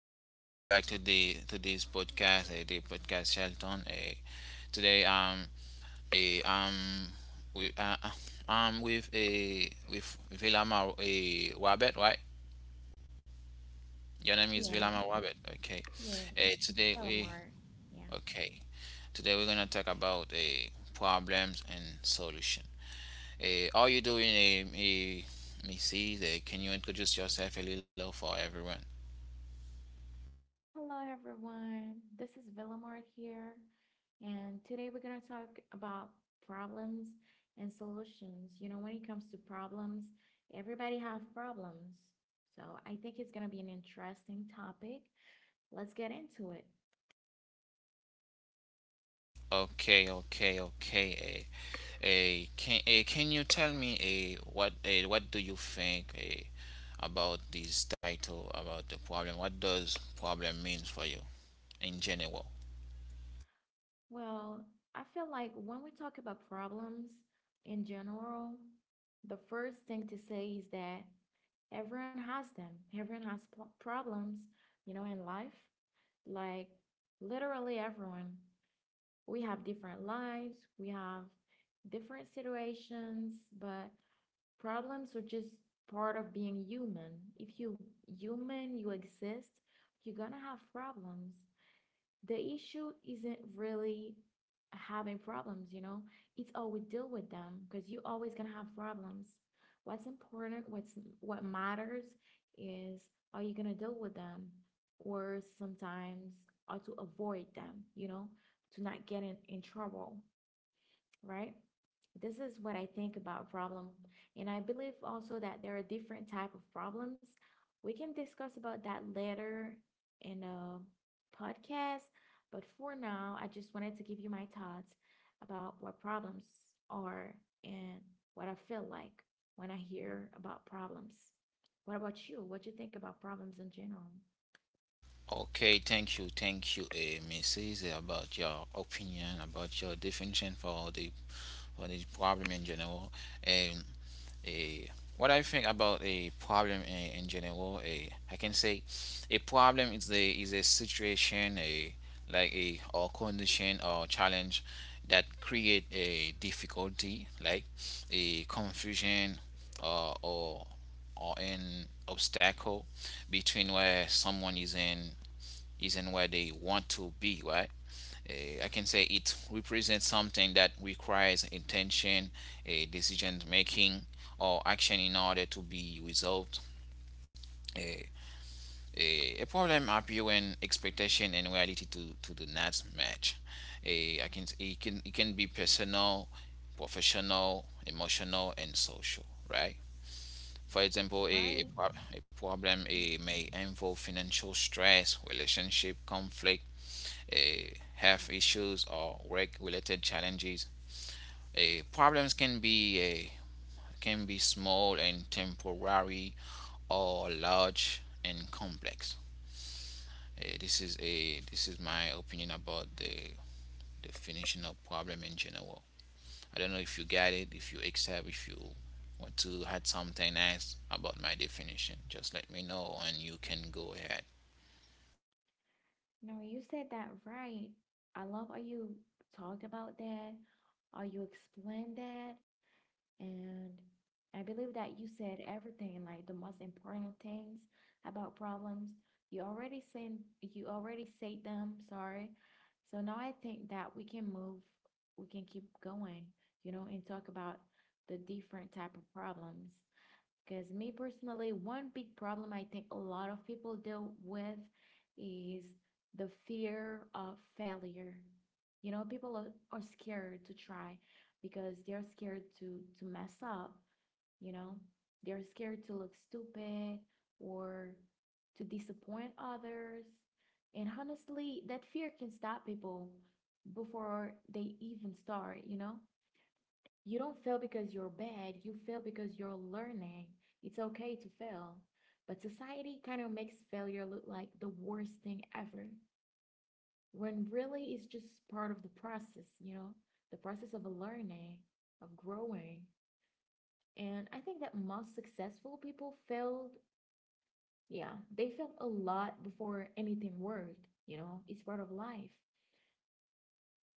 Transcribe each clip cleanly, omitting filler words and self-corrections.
Welcome back to the to this podcast, the podcast Shelton. Today uh, um we I'm with a with Vilama a Wabet, right? Your name is Yeah, Vilama Wabet. Okay. yeah, it's Today we Villamar. Yeah. Okay. Today we're gonna talk about problems and solution. How you doing, Mrs.? Can you introduce yourself a little for everyone? Hello, everyone. This is Villamar here, and today we're going to talk about problems and solutions. You know, when it comes to problems, everybody have problems. So I think it's going to be an interesting topic. Let's get into it. Okay, okay, okay. Eh. Can you tell me, what do you think, about this title, about the problem? What does problem means for you in general? Well, I feel like when we talk about problems in general, the first thing to say is that everyone has them. Everyone has problems, you know, in life. Like literally everyone. We have different lives, we have different situations, but problems are just part of being human. If you human, you exist, you're gonna have problems. The issue isn't really having problems, you know? It's how we deal with them because you're always gonna have problems. What's important, what's what matters is are you gonna deal with them or sometimes how to avoid them, you know, to not get in trouble, right? This is what I think about problem. And I believe also that there are different type of problems. We can discuss about that later in a podcast, but for now, I just wanted to give you my thoughts about what problems are and what I feel like when I hear about problems. What about you? What you think about problems in general? Okay, thank you, Mrs., about your opinion, about your definition for the problem in general. Um, uh, what I think about a problem in general, I can say a problem is the is a situation, a like a, or condition or challenge that create a difficulty, like a confusion, or or or an obstacle between where someone is in isn't where they want to be, right? I can say it represents something that requires intention, a decision making, or action in order to be resolved. A, a problem appears when expectation and reality to do not match. A, I can it can it can be personal, professional, emotional, and social, right? For example, a, a, Right. pro- a problem, may involve financial stress, relationship conflict, uh, health issues or work-related challenges. Problems can be small and temporary, or large and complex. This is my opinion about the definition of problem in general. I don't know if you get it, if you accept, if you want to add something else about my definition. Just let me know, and you can go ahead. No, you said that right. I love how you talked about that, how you explained that, and I believe that you said everything, like the most important things about problems. You already said them, sorry. So now I think that we can move, we can keep going, you know, and talk about the different type of problems. Because me personally, one big problem I think a lot of people deal with is the fear of failure. You know, people are scared to try because they're scared to mess up, you know. They're scared to look stupid or to disappoint others. And honestly, that fear can stop people before they even start, you know? You don't fail because you're bad, you fail because you're learning. It's okay to fail. But society kind of makes failure look like the worst thing ever, when really it's just part of the process, you know, the process of learning, of growing. And I think that most successful people failed, yeah, they failed a lot before anything worked, you know, it's part of life.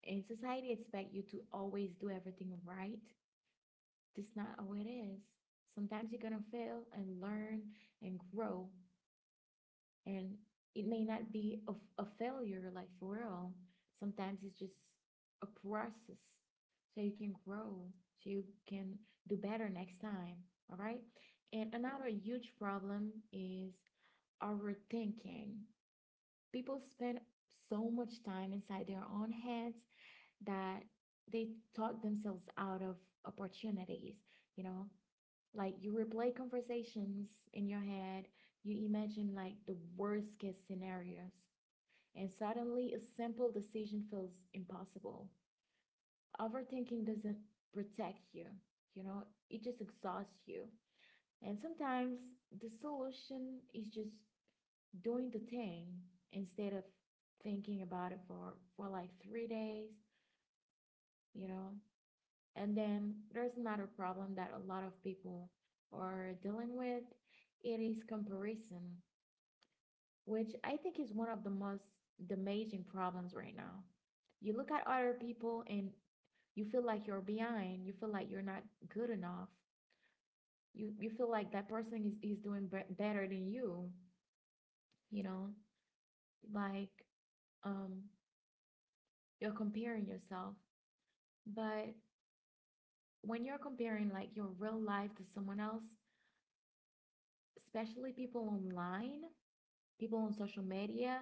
And society expects you to always do everything right. That's not how it is. Sometimes you're gonna fail and learn and grow, and it may not be a failure, like for real. Sometimes it's just a process so you can grow, so you can do better next time. All right. And another huge problem is overthinking. People spend so much time inside their own heads that they talk themselves out of opportunities. You know, like you replay conversations in your head, you imagine like the worst case scenarios, and suddenly a simple decision feels impossible. Overthinking doesn't protect you, you know, it just exhausts you. And sometimes the solution is just doing the thing instead of thinking about it for, like 3 days, you know. And then there's another problem that a lot of people are dealing with. It is comparison, which I think is one of the most damaging problems right now. You look at other people and you feel like you're behind, you feel like you're not good enough. You feel like that person is doing better than you, you know? Like um you're comparing yourself. But when you're comparing like your real life to someone else, especially people online, people on social media.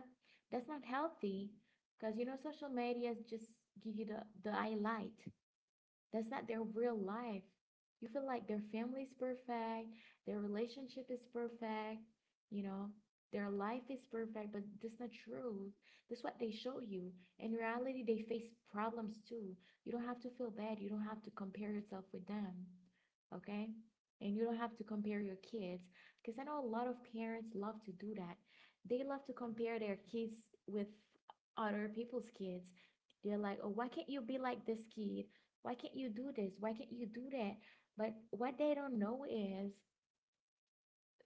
That's not healthy because you know social media just give you the highlight. That's not their real life. You feel like their family's perfect, their relationship is perfect, you know, their life is perfect, but that's not true. That's what they show you. In reality, they face problems too. You don't have to feel bad. You don't have to compare yourself with them. Okay? And you don't have to compare your kids. Because I know a lot of parents love to do that. They love to compare their kids with other people's kids. They're like, oh, why can't you be like this kid? Why can't you do this? Why can't you do that? But what they don't know is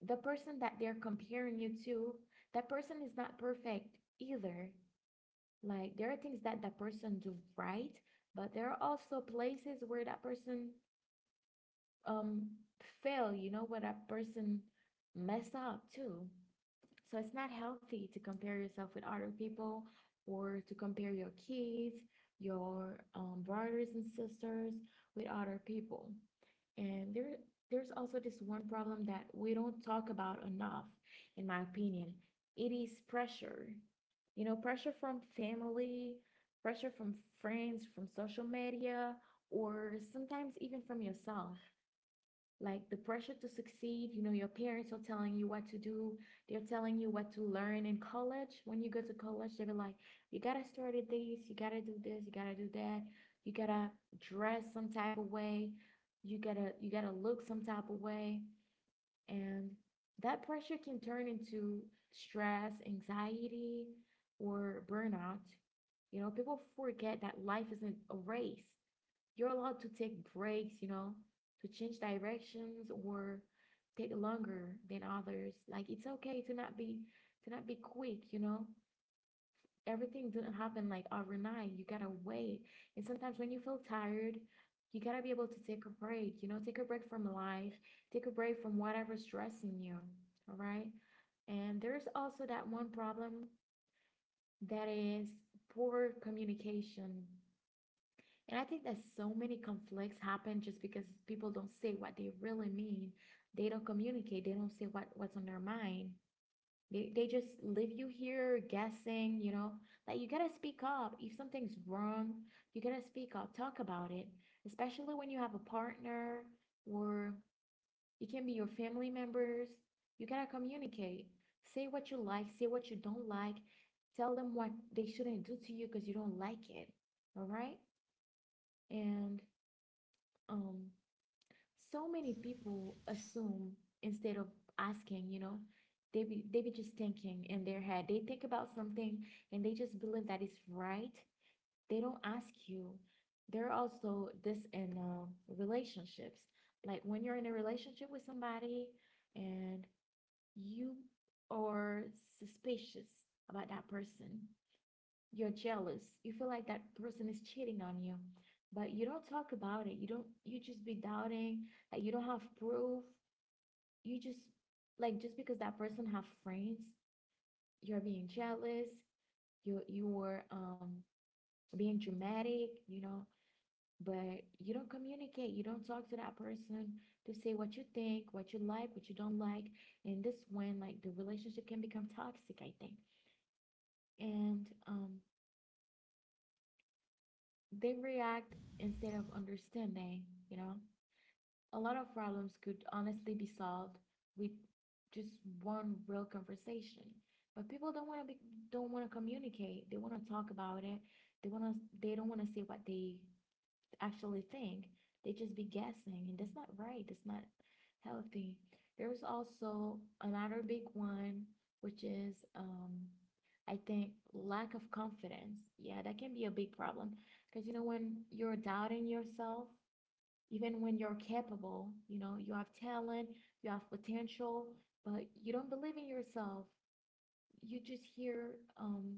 the person that they're comparing you to, that person is not perfect either. Like there are things that that person do right, but there are also places where that person um fail, you know, where that person mess up too. So it's not healthy to compare yourself with other people or to compare your kids, your brothers and sisters with other people. And there's also this one problem that we don't talk about enough, in my opinion. It is pressure. You know, pressure from family, pressure from friends, from social media, or sometimes even from yourself like the pressure to succeed. You know, your parents are telling you what to do, they're telling you what to learn in college. When you go to college, they'll be like, you gotta start at this, you gotta do this, you gotta do that, you gotta dress some type of way, you gotta look some type of way. And that pressure can turn into stress, anxiety, or burnout. You know, people forget that life isn't a race. You're allowed to take breaks, you know, to change directions or take longer than others. Like it's okay to not be quick, you know. Everything doesn't happen like overnight. You gotta wait. And sometimes when you feel tired, you gotta be able to take a break, you know, take a break from life, take a break from whatever's stressing you. All right. And there's also that one problem that is poor communication. And I think that so many conflicts happen just because people don't say what they really mean. They don't communicate. They don't say what's on their mind. They just leave you here guessing, you know, like you gotta speak up. If something's wrong, you gotta speak up, talk about it, especially when you have a partner or it can be your family members. You gotta communicate. Say what you like, say what you don't like, tell them what they shouldn't do to you because you don't like it. All right? And um so many people assume instead of asking, you know, they be just thinking in their head, they think about something and they just believe that it's right, they don't ask you. They're also this in relationships, like when you're in a relationship with somebody and you are suspicious about that person, you're jealous. You feel like that person is cheating on you, but you don't talk about it. You don't, you just be doubting that you don't have proof. You just like just because that person have friends, you're being jealous. You were being dramatic, you know, but you don't communicate. You don't talk to that person to say what you think, what you like, what you don't like. And this when like the relationship can become toxic, I think. And they react instead of understanding, you know? A lot of problems could honestly be solved with just one real conversation. But people don't want to communicate. They want to talk about it. They want to they don't want to say what they actually think. They just be guessing, and that's not right. That's not healthy. There's also another big one, which is I think lack of confidence. Yeah, that can be a big problem because you know when you're doubting yourself, even when you're capable, you know you have talent, you have potential, but you don't believe in yourself. You just hear um,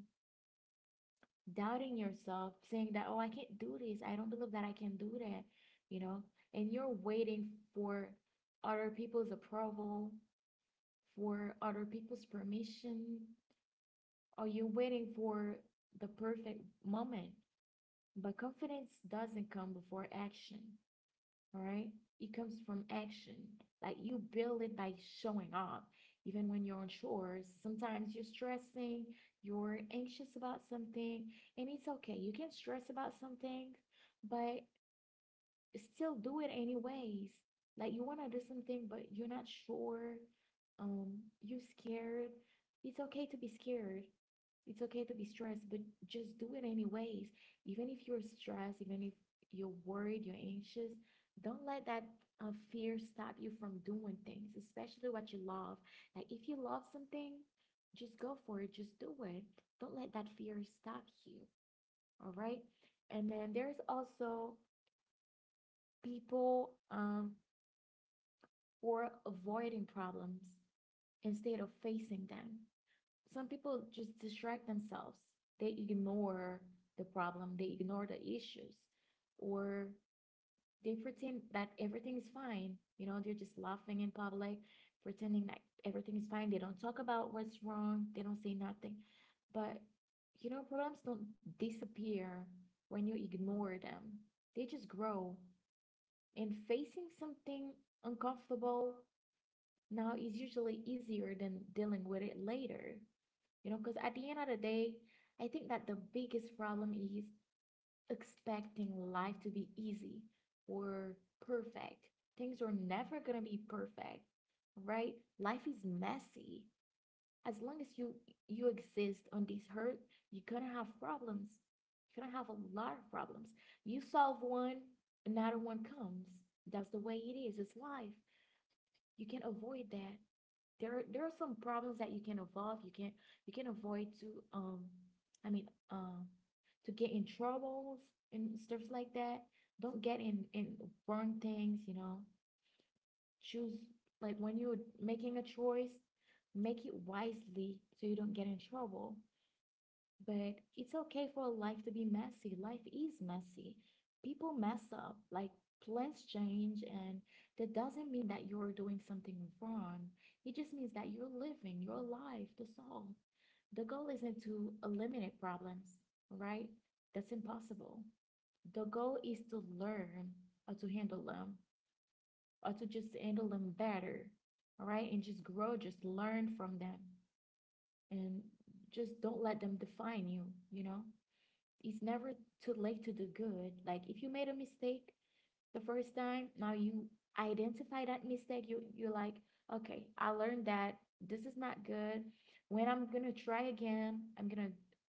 doubting yourself, saying that, oh, I can't do this. I don't believe that I can do that, you know? And you're waiting for other people's approval, for other people's permission, or you're waiting for the perfect moment. But confidence doesn't come before action. All right. It comes from action. Like you build it by showing up. Even when you're unsure, sometimes you're stressing, you're anxious about something, and it's okay. You can stress about something, but still do it anyways. Like you want to do something, but you're not sure. You're scared. It's okay to be scared. It's okay to be stressed, but just do it anyways. Even if you're stressed, even if you're worried, you're anxious, don't let that fear stop you from doing things, especially what you love. Like if you love something, just go for it, just do it. Don't let that fear stop you. All right. And then there's also people were avoiding problems instead of facing them. Some people just distract themselves. They ignore the problem, they ignore the issues, or they pretend that everything is fine. You know, they're just laughing in public, pretending that everything is fine. They don't talk about what's wrong, they don't say nothing. But, you know, problems don't disappear when you ignore them, they just grow and facing something uncomfortable now is usually easier than dealing with it later. You know, because at the end of the day, I think that the biggest problem is expecting life to be easy or perfect. Things are never going to be perfect, right? Life is messy as long as you exist on this earth, you're gonna have problems. You're gonna have a lot of problems. You solve one, another one comes. That's the way it is. It's life. You can not avoid that. There are some problems that you can avoid. You can avoid to um, I mean um, to get in troubles and stuff like that. Don't get in wrong things. You know, choose like when you're making a choice, make it wisely so you don't get in trouble, but it's okay for life to be messy. Life is messy, people mess up, like plans change, and that doesn't mean that you're doing something wrong. It just means that you're living your life to solve. The goal isn't to eliminate problems, right? That's impossible. The goal is to learn how to handle them, or to just handle them better. All right. And just grow, just learn from them, and just don't let them define you, you know? It's never too late to do good. Like if you made a mistake, the first time, now you identify that mistake, you're like, okay, I learned that this is not good. When I'm gonna try again, I'm gonna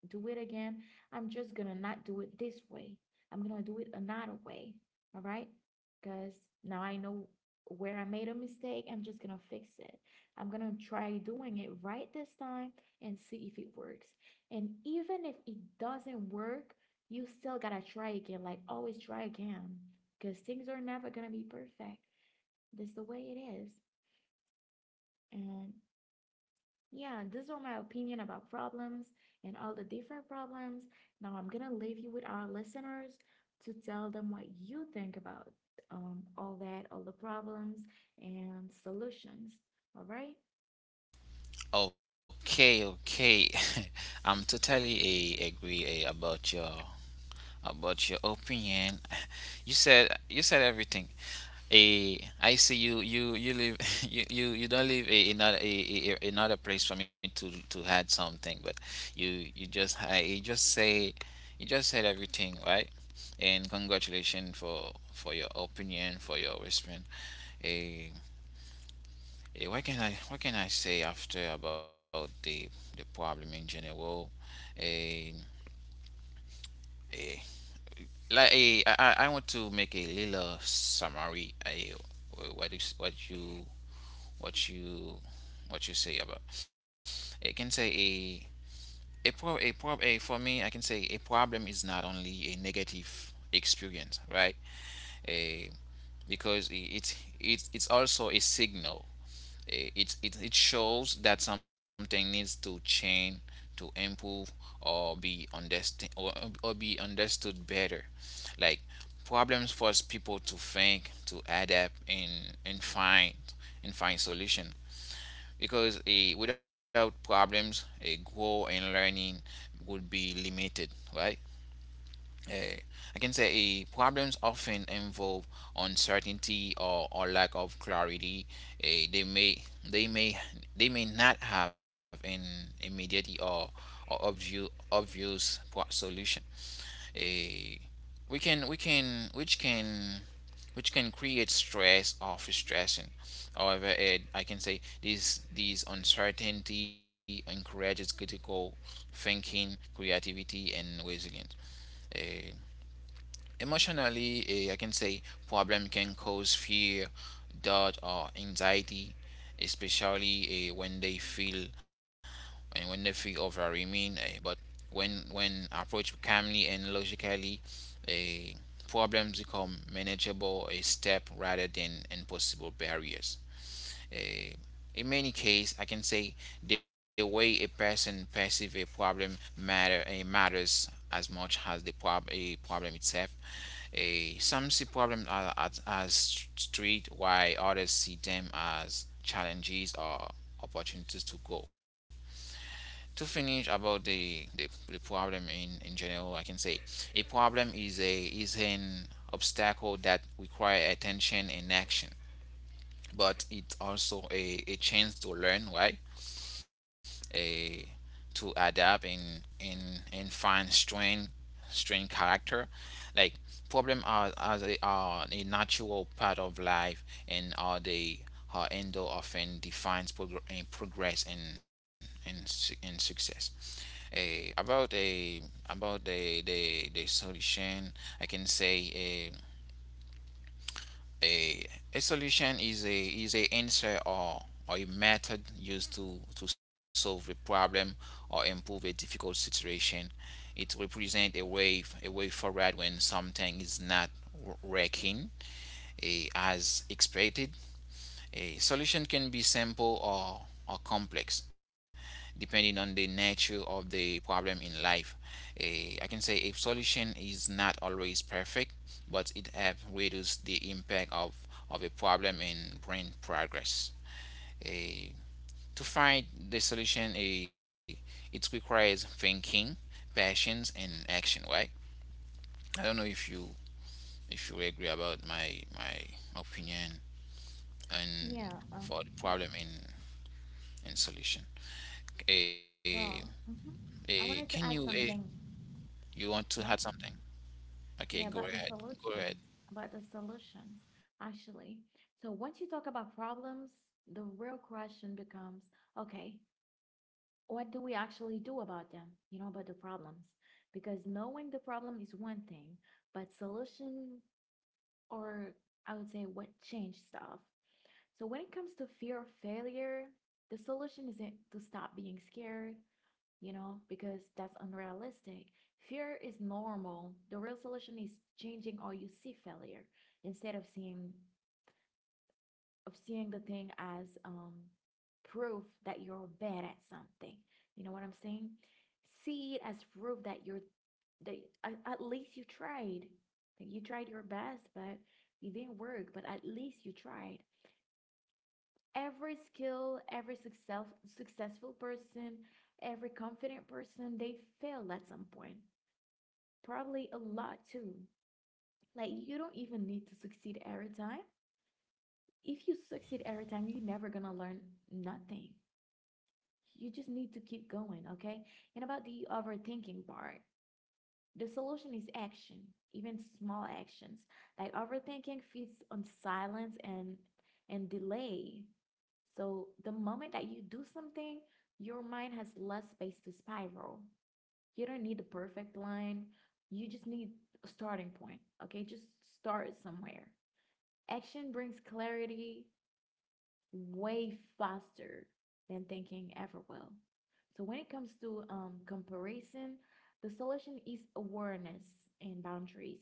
do it again. I'm just gonna not do it this way, I'm gonna do it another way. All right? Because now I know where I made a mistake, I'm just gonna fix it. I'm gonna try doing it right this time and see if it works. And even if it doesn't work, you still gotta try again. Like always try again, because things are never going to be perfect. That's the way it is. And yeah, these are my opinion about problems and all the different problems. Now I'm going to leave you with our listeners to tell them what you think about all that, all the problems and solutions. All right? Okay, okay. I'm totally agree, about your opinion. You said everything. I see you live you don't live a, another place for me to add something, but you just I you just say you just said everything right, and congratulations for your opinion, for your response. Eh, what can I say after about the problem in general? Um, like, I want to make a little summary. I what is what you what you What you say about. I can say a pro a prob a For me, I can say a problem is not only a negative experience, right? A Because it's also a signal. It shows that something needs to change, to improve or be understood better. Like, problems force people to think, to adapt, and find solution. Because, without problems, a grow and learning would be limited, right? uh, I can say, problems often involve uncertainty, or lack of clarity. Uh, they may they may they may not have an immediate, or obvious solution. Uh, we can which can which can create stress or frustration. However, I can say this uncertainty encourages critical thinking, creativity, and resilience. Eh, Emotionally, I can say problem can cause fear, doubt, or anxiety, especially, when they feel, overwhelming. But when approached calmly and logically, eh, problems become manageable a step, rather than impossible barriers. Uh, in many cases, I can say the way a person perceives a problem, matters as much as the prob- a problem itself. Some see problems as street, while others see them as challenges or opportunities to grow. To finish about the problem in general, I can say a problem is a is an obstacle that requires attention and action, but it's also a chance to learn, right? A To adapt, and find strength, strength character. Like, problem are they are a natural part of life, and are they are endo often defines progress and success. A About the solution, I can say, eh, a a solution is a answer, or a method used to solve a problem or improve a difficult situation. It represents a way forward when something is not working, as expected. A solution can be simple, or complex, depending on the nature of the problem in life. I can say a solution is not always perfect, but it helps reduce the impact, of a problem in brain progress. A, to find the solution, it requires thinking, passions, and action, right? I don't know if you agree about my opinion and Yeah. For the problem in and solution. Eh, Well, mhm. eh, I can wanted you to eh, add something. you want to add Yeah. something? Okay, Yeah, go ahead. Go ahead. About the solutions, actually. So once you talk about problems, the real question becomes, okay, what do we actually do about them? You know, about the problems. Because knowing the problem is one thing, but solution, or I would say, what change stuff. So when it comes to fear of failure, the solution isn't to stop being scared, you know, because that's unrealistic. Fear is normal. The real solution is changing how you see failure. Instead of seeing the thing as proof that you're bad at something. You know what I'm saying? See it as proof that you're that, at least you tried. Like you tried your best, but it didn't work, but at least you tried. Every skill, every success, successful person, every confident person, they failed at some point. Probably a lot too. Like you don't even need to succeed every time. If you succeed every time, you're never gonna learn nothing. You just need to keep going, okay? And about the overthinking part, the solution is action, even small actions. Like overthinking feeds on silence and delay. So the moment that you do something, your mind has less space to spiral. You don't need the perfect line. You just need a starting point. Okay, just start somewhere. Action brings clarity way faster than thinking ever will. So when it comes to comparison, the solution is awareness and boundaries.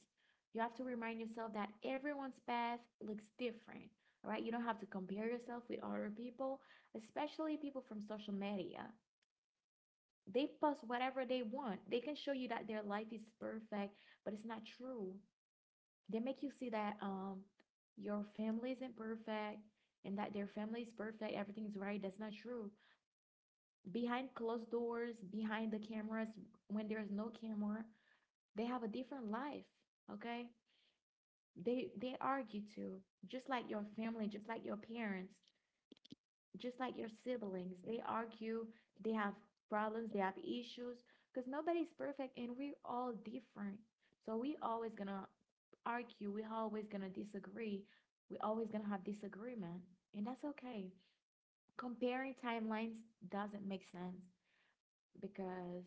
You have to remind yourself that everyone's path looks different, all right? You don't have to compare yourself with other people, especially people from social media. They post whatever they want. They can show you that their life is perfect, but it's not true. They make you see that your family isn't perfect and that their family is perfect, everything is right. That's not true. Behind closed doors, behind the cameras, when there is no camera, they have a different life. Okay? They argue too, just like your family, just like your parents, just like your siblings. They argue, they have problems, they have issues, because nobody's perfect and we're all different. So we always gonna argue, we always gonna disagree, we always gonna have disagreement, and that's okay. Comparing timelines doesn't make sense because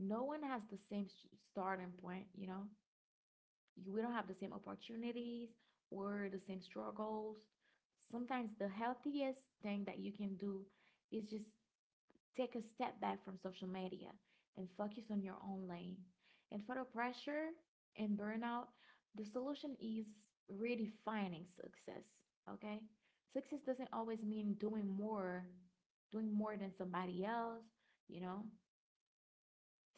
no one has the same starting point, you know? We don't have the same opportunities or the same struggles. Sometimes the healthiest thing that you can do is just take a step back from social media and focus on your own lane. And for the pressure and burnout, the solution is redefining success. Okay? Success doesn't always mean doing more than somebody else, you know?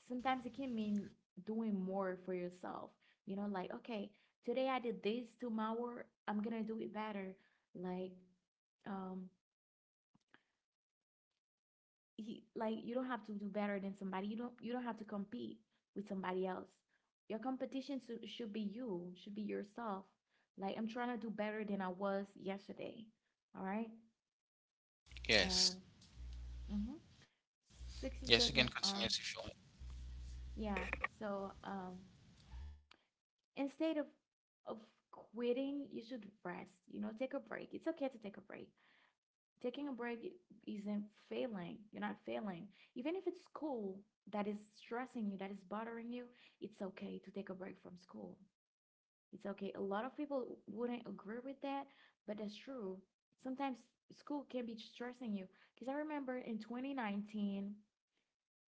Sometimes it can mean doing more for yourself. You know, like, okay, today I did this, tomorrow I'm gonna do it better. Like, um, he like you don't have to do better than somebody. You don't have to compete with somebody else. Your competition should be you, should be yourself. Like I'm trying to do better than I was yesterday. All right? And Yes. mm-hmm. Yes, you can Sixes continue doesn't if you want. Yeah, so instead of of quitting, you should rest, you know, take a break. It's okay to take a break. Taking a break isn't failing. You're not failing. Even if it's school that is stressing you, that is bothering you, it's okay to take a break from school. It's okay. A lot of people wouldn't agree with that, but that's true. Sometimes school can be stressing you. Because I remember in 2019,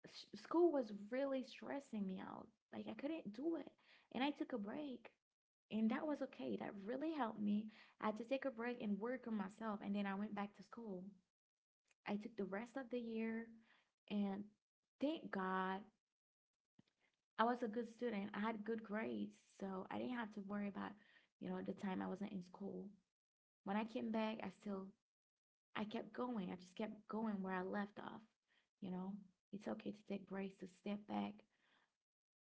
school was really stressing me out. Like I couldn't do it. And I took a break. And that was okay. That really helped me. I had to take a break and work on myself. And then I went back to school. I took the rest of the year, and thank God I was a good student. I had good grades, so I didn't have to worry about, you know, the time I wasn't in school. When I came back, I kept going. I just kept going where I left off. You know, it's okay to take breaks, to step back.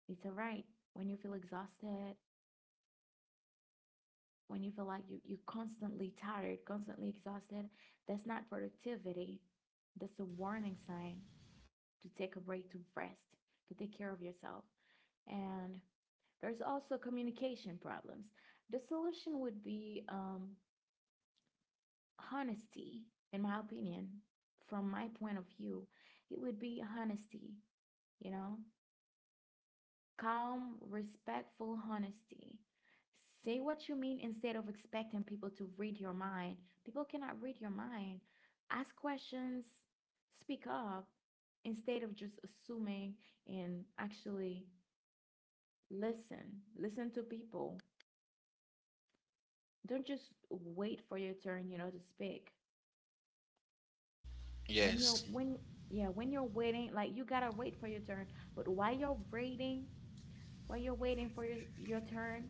It's all right when you feel exhausted, when you feel like you're constantly tired, constantly exhausted. That's not productivity. That's a warning sign to take a break, to rest, to take care of yourself. And there's also communication problems. The solution would be honesty, in my opinion, from my point of view. It would be honesty, you know, calm, respectful honesty. Say what you mean instead of expecting people to read your mind. People cannot read your mind. Ask questions, speak up instead of just assuming, and actually listen. Listen to people, don't just wait for your turn, you know, to speak. When you're Yes. when yeah, when you're waiting, like you gotta wait for your turn. But while you're waiting for your turn,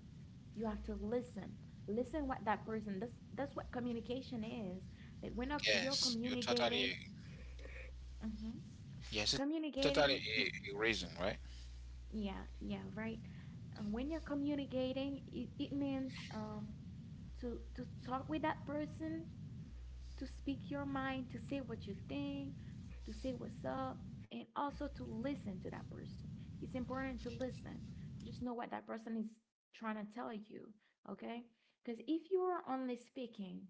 you have to listen. Listen what that person. That's what communication is. Like when not you're Yes. Communicating, mhm, Yes, you're totally communicating a is reason, right? yeah, yeah, right. And when you're communicating, it means to talk with that person, to speak your mind, to say what you think, to say what's up, and also to listen to that person. It's important to listen. Just know what that person is trying to tell you, okay? Because if you are only speaking,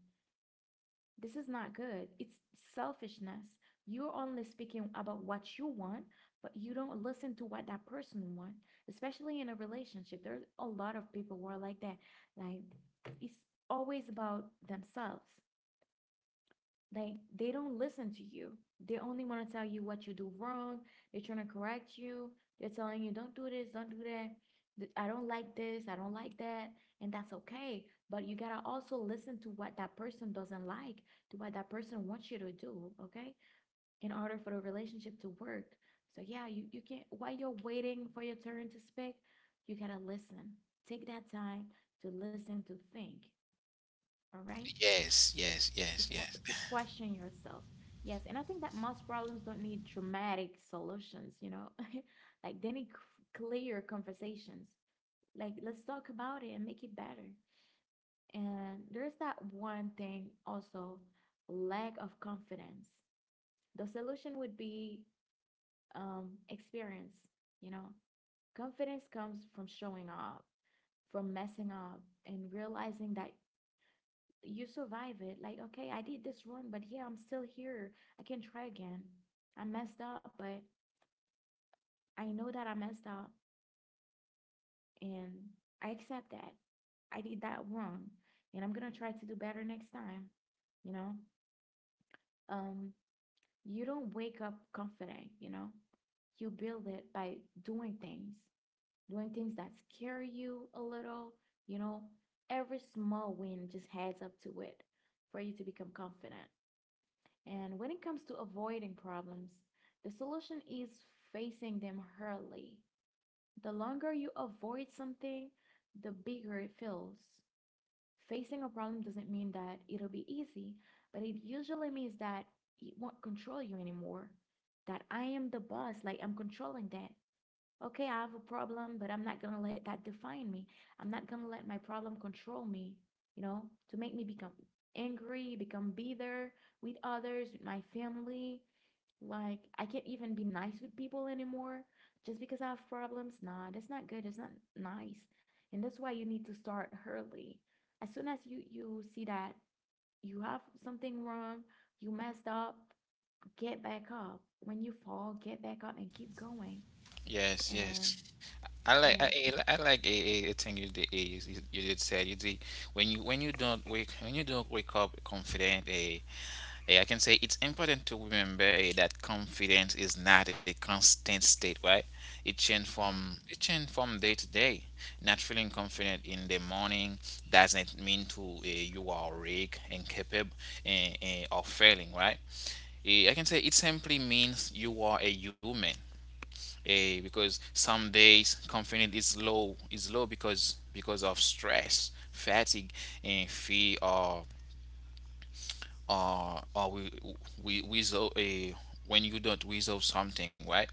this is not good. It's selfishness. You're only speaking about what you want, but you don't listen to what that person wants. Especially in a relationship, there's a lot of people who are like that. Like it's always about themselves. They don't listen to you. They only want to tell you what you do wrong. They're trying to correct you. They're telling you don't do this, don't do that. I don't like this, I don't like that, and that's okay. But you gotta also listen to what that person doesn't like, to what that person wants you to do, okay? In order for the relationship to work. So yeah, you can't while you're waiting for your turn to speak, you gotta listen. Take that time to listen, to think. All right, Yes, yes, to, yes, yes. to question yourself. Yes, and I think that most problems don't need dramatic solutions, you know, like they need clear conversations. Like, let's talk about it and make it better. And there's that one thing also, lack of confidence. The solution would be experience, you know, confidence comes from showing up, from messing up, and realizing that you survive it. Like, okay, I did this wrong, but here I'm still here. I can try again. I messed up, but I know that I messed up and I accept that. I did that wrong and I'm gonna try to do better next time. You know, um, you don't wake up confident, you know, you build it by doing things, doing things that scare you a little, you know, every small win just adds up to it for you to become confident. And when it comes to avoiding problems, the solution is facing them hurriedly. The longer you avoid something, the bigger it feels. Facing a problem doesn't mean that it'll be easy, but it usually means that it won't control you anymore. That I am the boss, like I'm controlling that. Okay, I have a problem, but I'm not gonna let that define me. I'm not gonna let my problem control me, you know, to make me become angry, become bitter with others, with my family. Like, I can't even be nice with people anymore just because I have problems. Nah, that's not good. It's not nice. And that's why you need to start early. As soon as you see that you have something wrong, you messed up, get back up. When you fall, get back up and keep going. Yes, And yes. I, yes, I I like a a thing you did, when you don't wake up confident. I can say it's important to remember, that confidence is not a constant state, right? Yeah, It change from day to day. Not feeling confident in the morning doesn't mean to, you are weak, incapable, and or failing, right? I can say it simply means you are a human. Because some days confidence is low, because of stress, fatigue, and fear, or, or, we resolve a when you don't resolve something, right?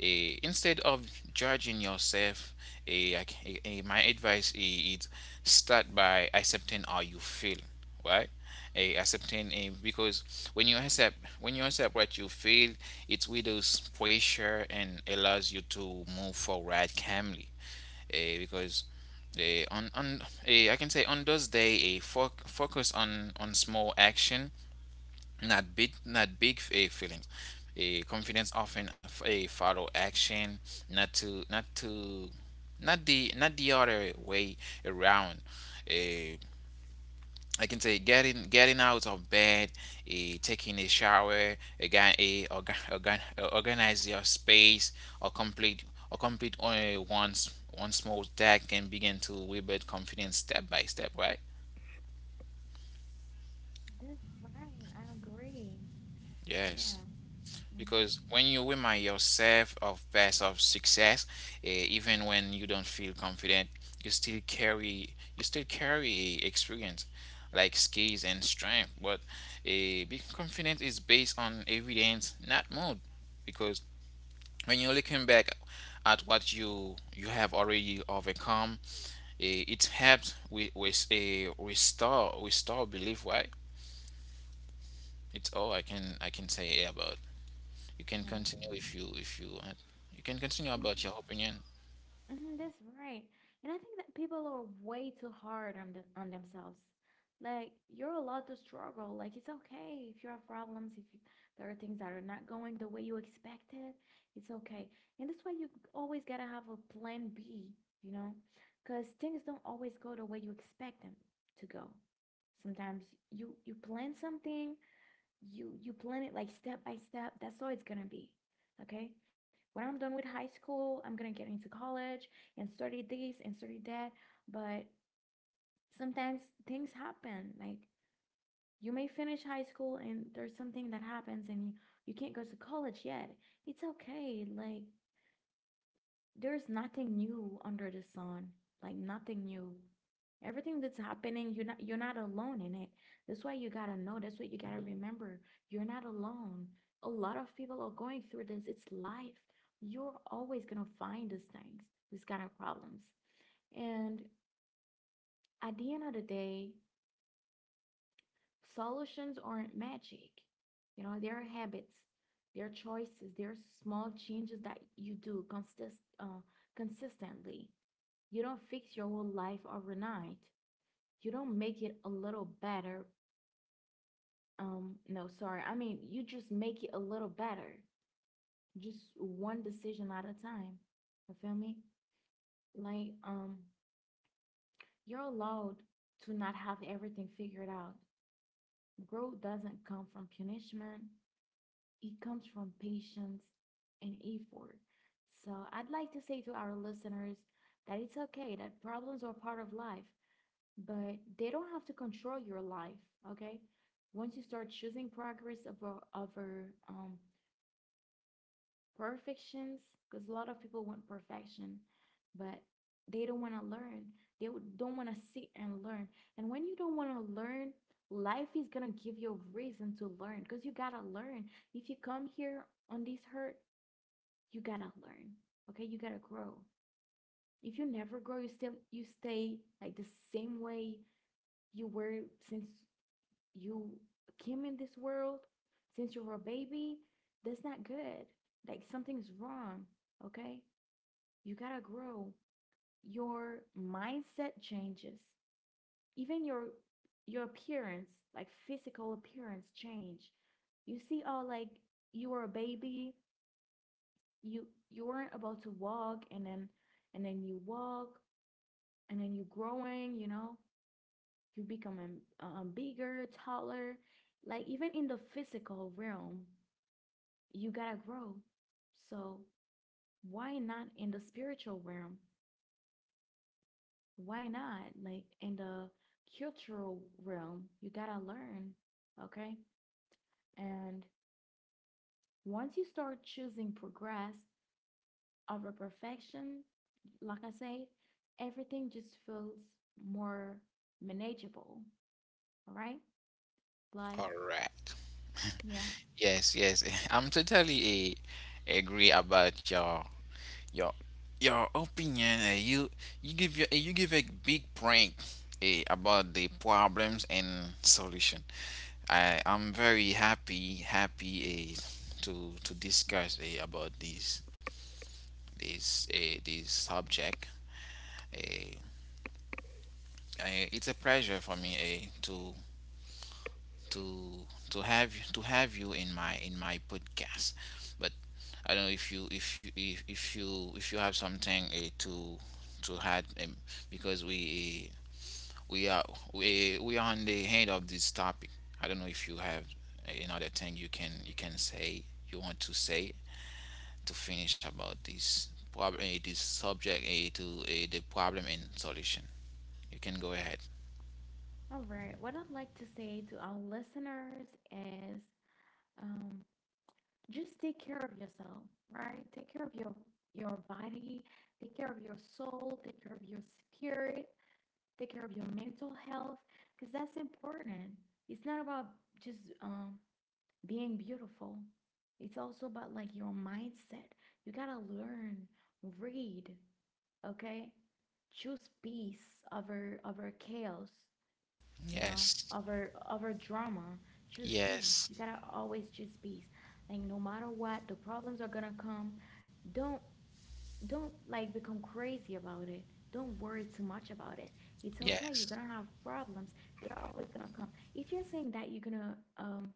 Instead of judging yourself, eh, I c- eh, eh, my advice is, start by accepting how you feel, right? Because when you accept what you feel, it widows pressure and allows you to move forward calmly. Eh, because eh, on eh, I can say on those day, focus on small action, not big, feelings. A confidence often a follow action, not to not to not the other way around. Eh, I can say getting, out of bed, taking a shower, again organize your space, or complete or complete, only once one small task can begin to rebuild confidence, step by step, right? that's right. I agree. Yes. Yeah. Mm-hmm. Because when you remind yourself of, past of success, even when you don't feel confident, you still carry experience, like skills and strength. But, being confident is based on evidence, not mood. Because when you're looking back at what you have already overcome, it helps with a restore belief. Why? It's all I can say about. You can Yeah. continue if you want. You can continue Mm-hmm. about your opinion. Hmm, that's right. And I think that people are way too hard on the, on themselves. Like you're allowed to struggle. Like it's okay if you have problems, if you, there are things that are not going the way you expected, it's okay. And that's why you always gotta have a plan B, you know, because things don't always go the way you expect them to go. Sometimes you plan something you plan it like step by step, that's all it's gonna be. Okay, when I'm done with high school I'm gonna get into college and study this and study that, but sometimes things happen. Like you may finish high school and there's something that happens and you can't go to college yet. It's okay, like there's nothing new under the sun, like nothing new. Everything that's happening, you're not alone in it. That's why you gotta know. That's what you gotta remember. You're not alone. A lot of people are going through this. It's life. You're always gonna find these things, these kind of problems. And at the end of the day, solutions aren't magic. You know, there are habits, there are choices, there are small changes that you do consistently. You don't fix your whole life overnight. You don't make it a little better. No, sorry. I mean, you just make it a little better. Just one decision at a time. You feel me? Like, um, you're allowed to not have everything figured out. Growth doesn't come from punishment, it comes from patience and effort. So, I'd like to say to our listeners that it's okay, that problems are part of life, but they don't have to control your life, okay? Once you start choosing progress over over perfections, because a lot of people want perfection, but they don't want to learn. They don't want to sit and learn. And when you don't want to learn, life is gonna give you a reason to learn because you gotta learn. If you come here on this hurt, you gotta learn. Okay, you gotta grow. If you never grow, you still you stay like the same way you were since you came in this world, since you were a baby, that's not good. Like something's wrong, okay? You gotta grow. Your mindset changes. Even your appearance, like physical appearance change. You see, oh like you were a baby, you weren't about to walk and then you walk and then you're growing, you know, you becoming bigger, taller, like even in the physical realm, you gotta grow. So why not in the spiritual realm? Why not like in the cultural realm? You gotta learn, okay? And once you start choosing progress over perfection, like I said, everything just feels more manageable, right? All Like, right. yeah. Yes, yes. I'm totally, agree about your your opinion. You give a big point, about the problems and solution. I'm very happy, to discuss, about this subject. Uh, it's a pleasure for me, to have you in my podcast. But I don't know if you have something, to add, because we eh, we are we are on the end of this topic. I don't know if you have, another thing you want to say to finish about this problem, this subject, to the problem and solution. You can go ahead. All right, what I'd like to say to our listeners is, um, just take care of yourself, right? Take care of your body, take care of your soul, take care of your spirit, take care of your mental health, because that's important. It's not about just being beautiful. It's also about like your mindset. You gotta learn, read, okay? Choose peace over chaos, you know, Yes. over drama. Choose peace, Yes. you gotta always choose peace. Like no matter what, the problems are gonna come. Don't don't like become crazy about it, don't worry too much about it. It's okay, you're Yes. gonna have problems, they're always gonna come. If you're saying that you're gonna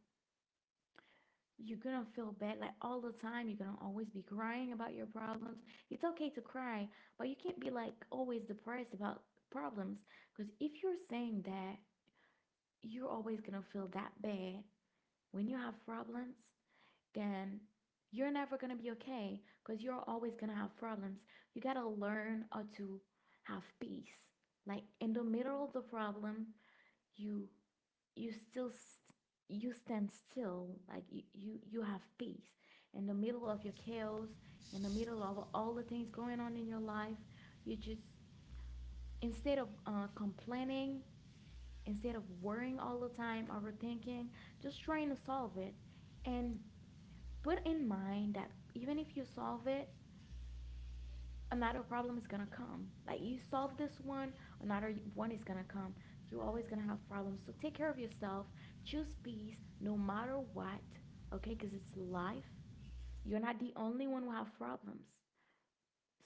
you're gonna feel bad like all the time, you're gonna always be crying about your problems. It's okay to cry, but you can't be like always depressed about problems, because if you're saying that you're always gonna feel that bad when you have problems, then you're never going to be okay because you're always going to have problems. You got to learn how to have peace. Like in the middle of the problem, you you still st- you stand still like you, you have peace in the middle of your chaos, in the middle of all the things going on in your life, you just, instead of complaining, instead of worrying all the time, overthinking, just trying to solve it, and put in mind that even if you solve it, another problem is gonna come. Like you solve this one, another one is gonna come. You're always gonna have problems. So take care of yourself. Choose peace no matter what, okay? Because it's life. You're not the only one who have problems.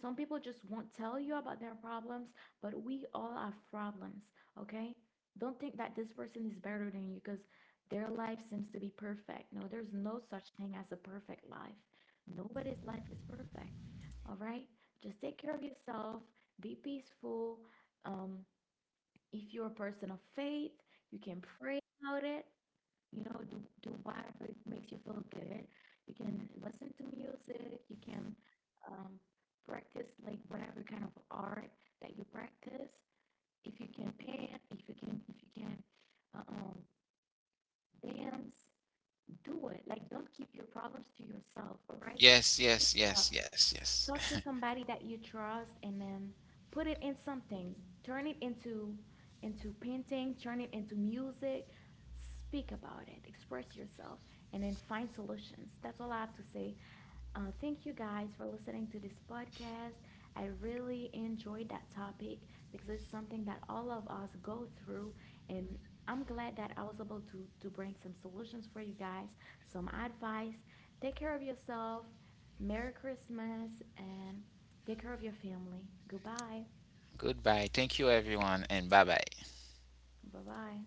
Some people just won't tell you about their problems, but we all have problems, okay? Don't think that this person is better than you because their life seems to be perfect. No, there's no such thing as a perfect life. Nobody's life is perfect, all right? Just take care of yourself, be peaceful. Um, if you're a person of faith, you can pray about it, you know, do whatever it makes you feel good. You can listen to music. You can, um, practice like whatever kind of art that you practice. If you can paint, if you can uh, um, dance, do it. Like, don't keep your problems to yourself. All right, Yes, speak yes, yes, yes, yes. talk to somebody that you trust and then put it in something. Turn it into painting, turn it into music. Speak about it, express yourself, and then find solutions. That's all I have to say. Thank you guys for listening to this podcast. I really enjoyed that topic because it's something that all of us go through, and I'm glad that I was able to bring some solutions for you guys, some advice. Take care of yourself. Merry Christmas and take care of your family. Goodbye. Goodbye. Thank you, everyone, and bye bye. Bye bye.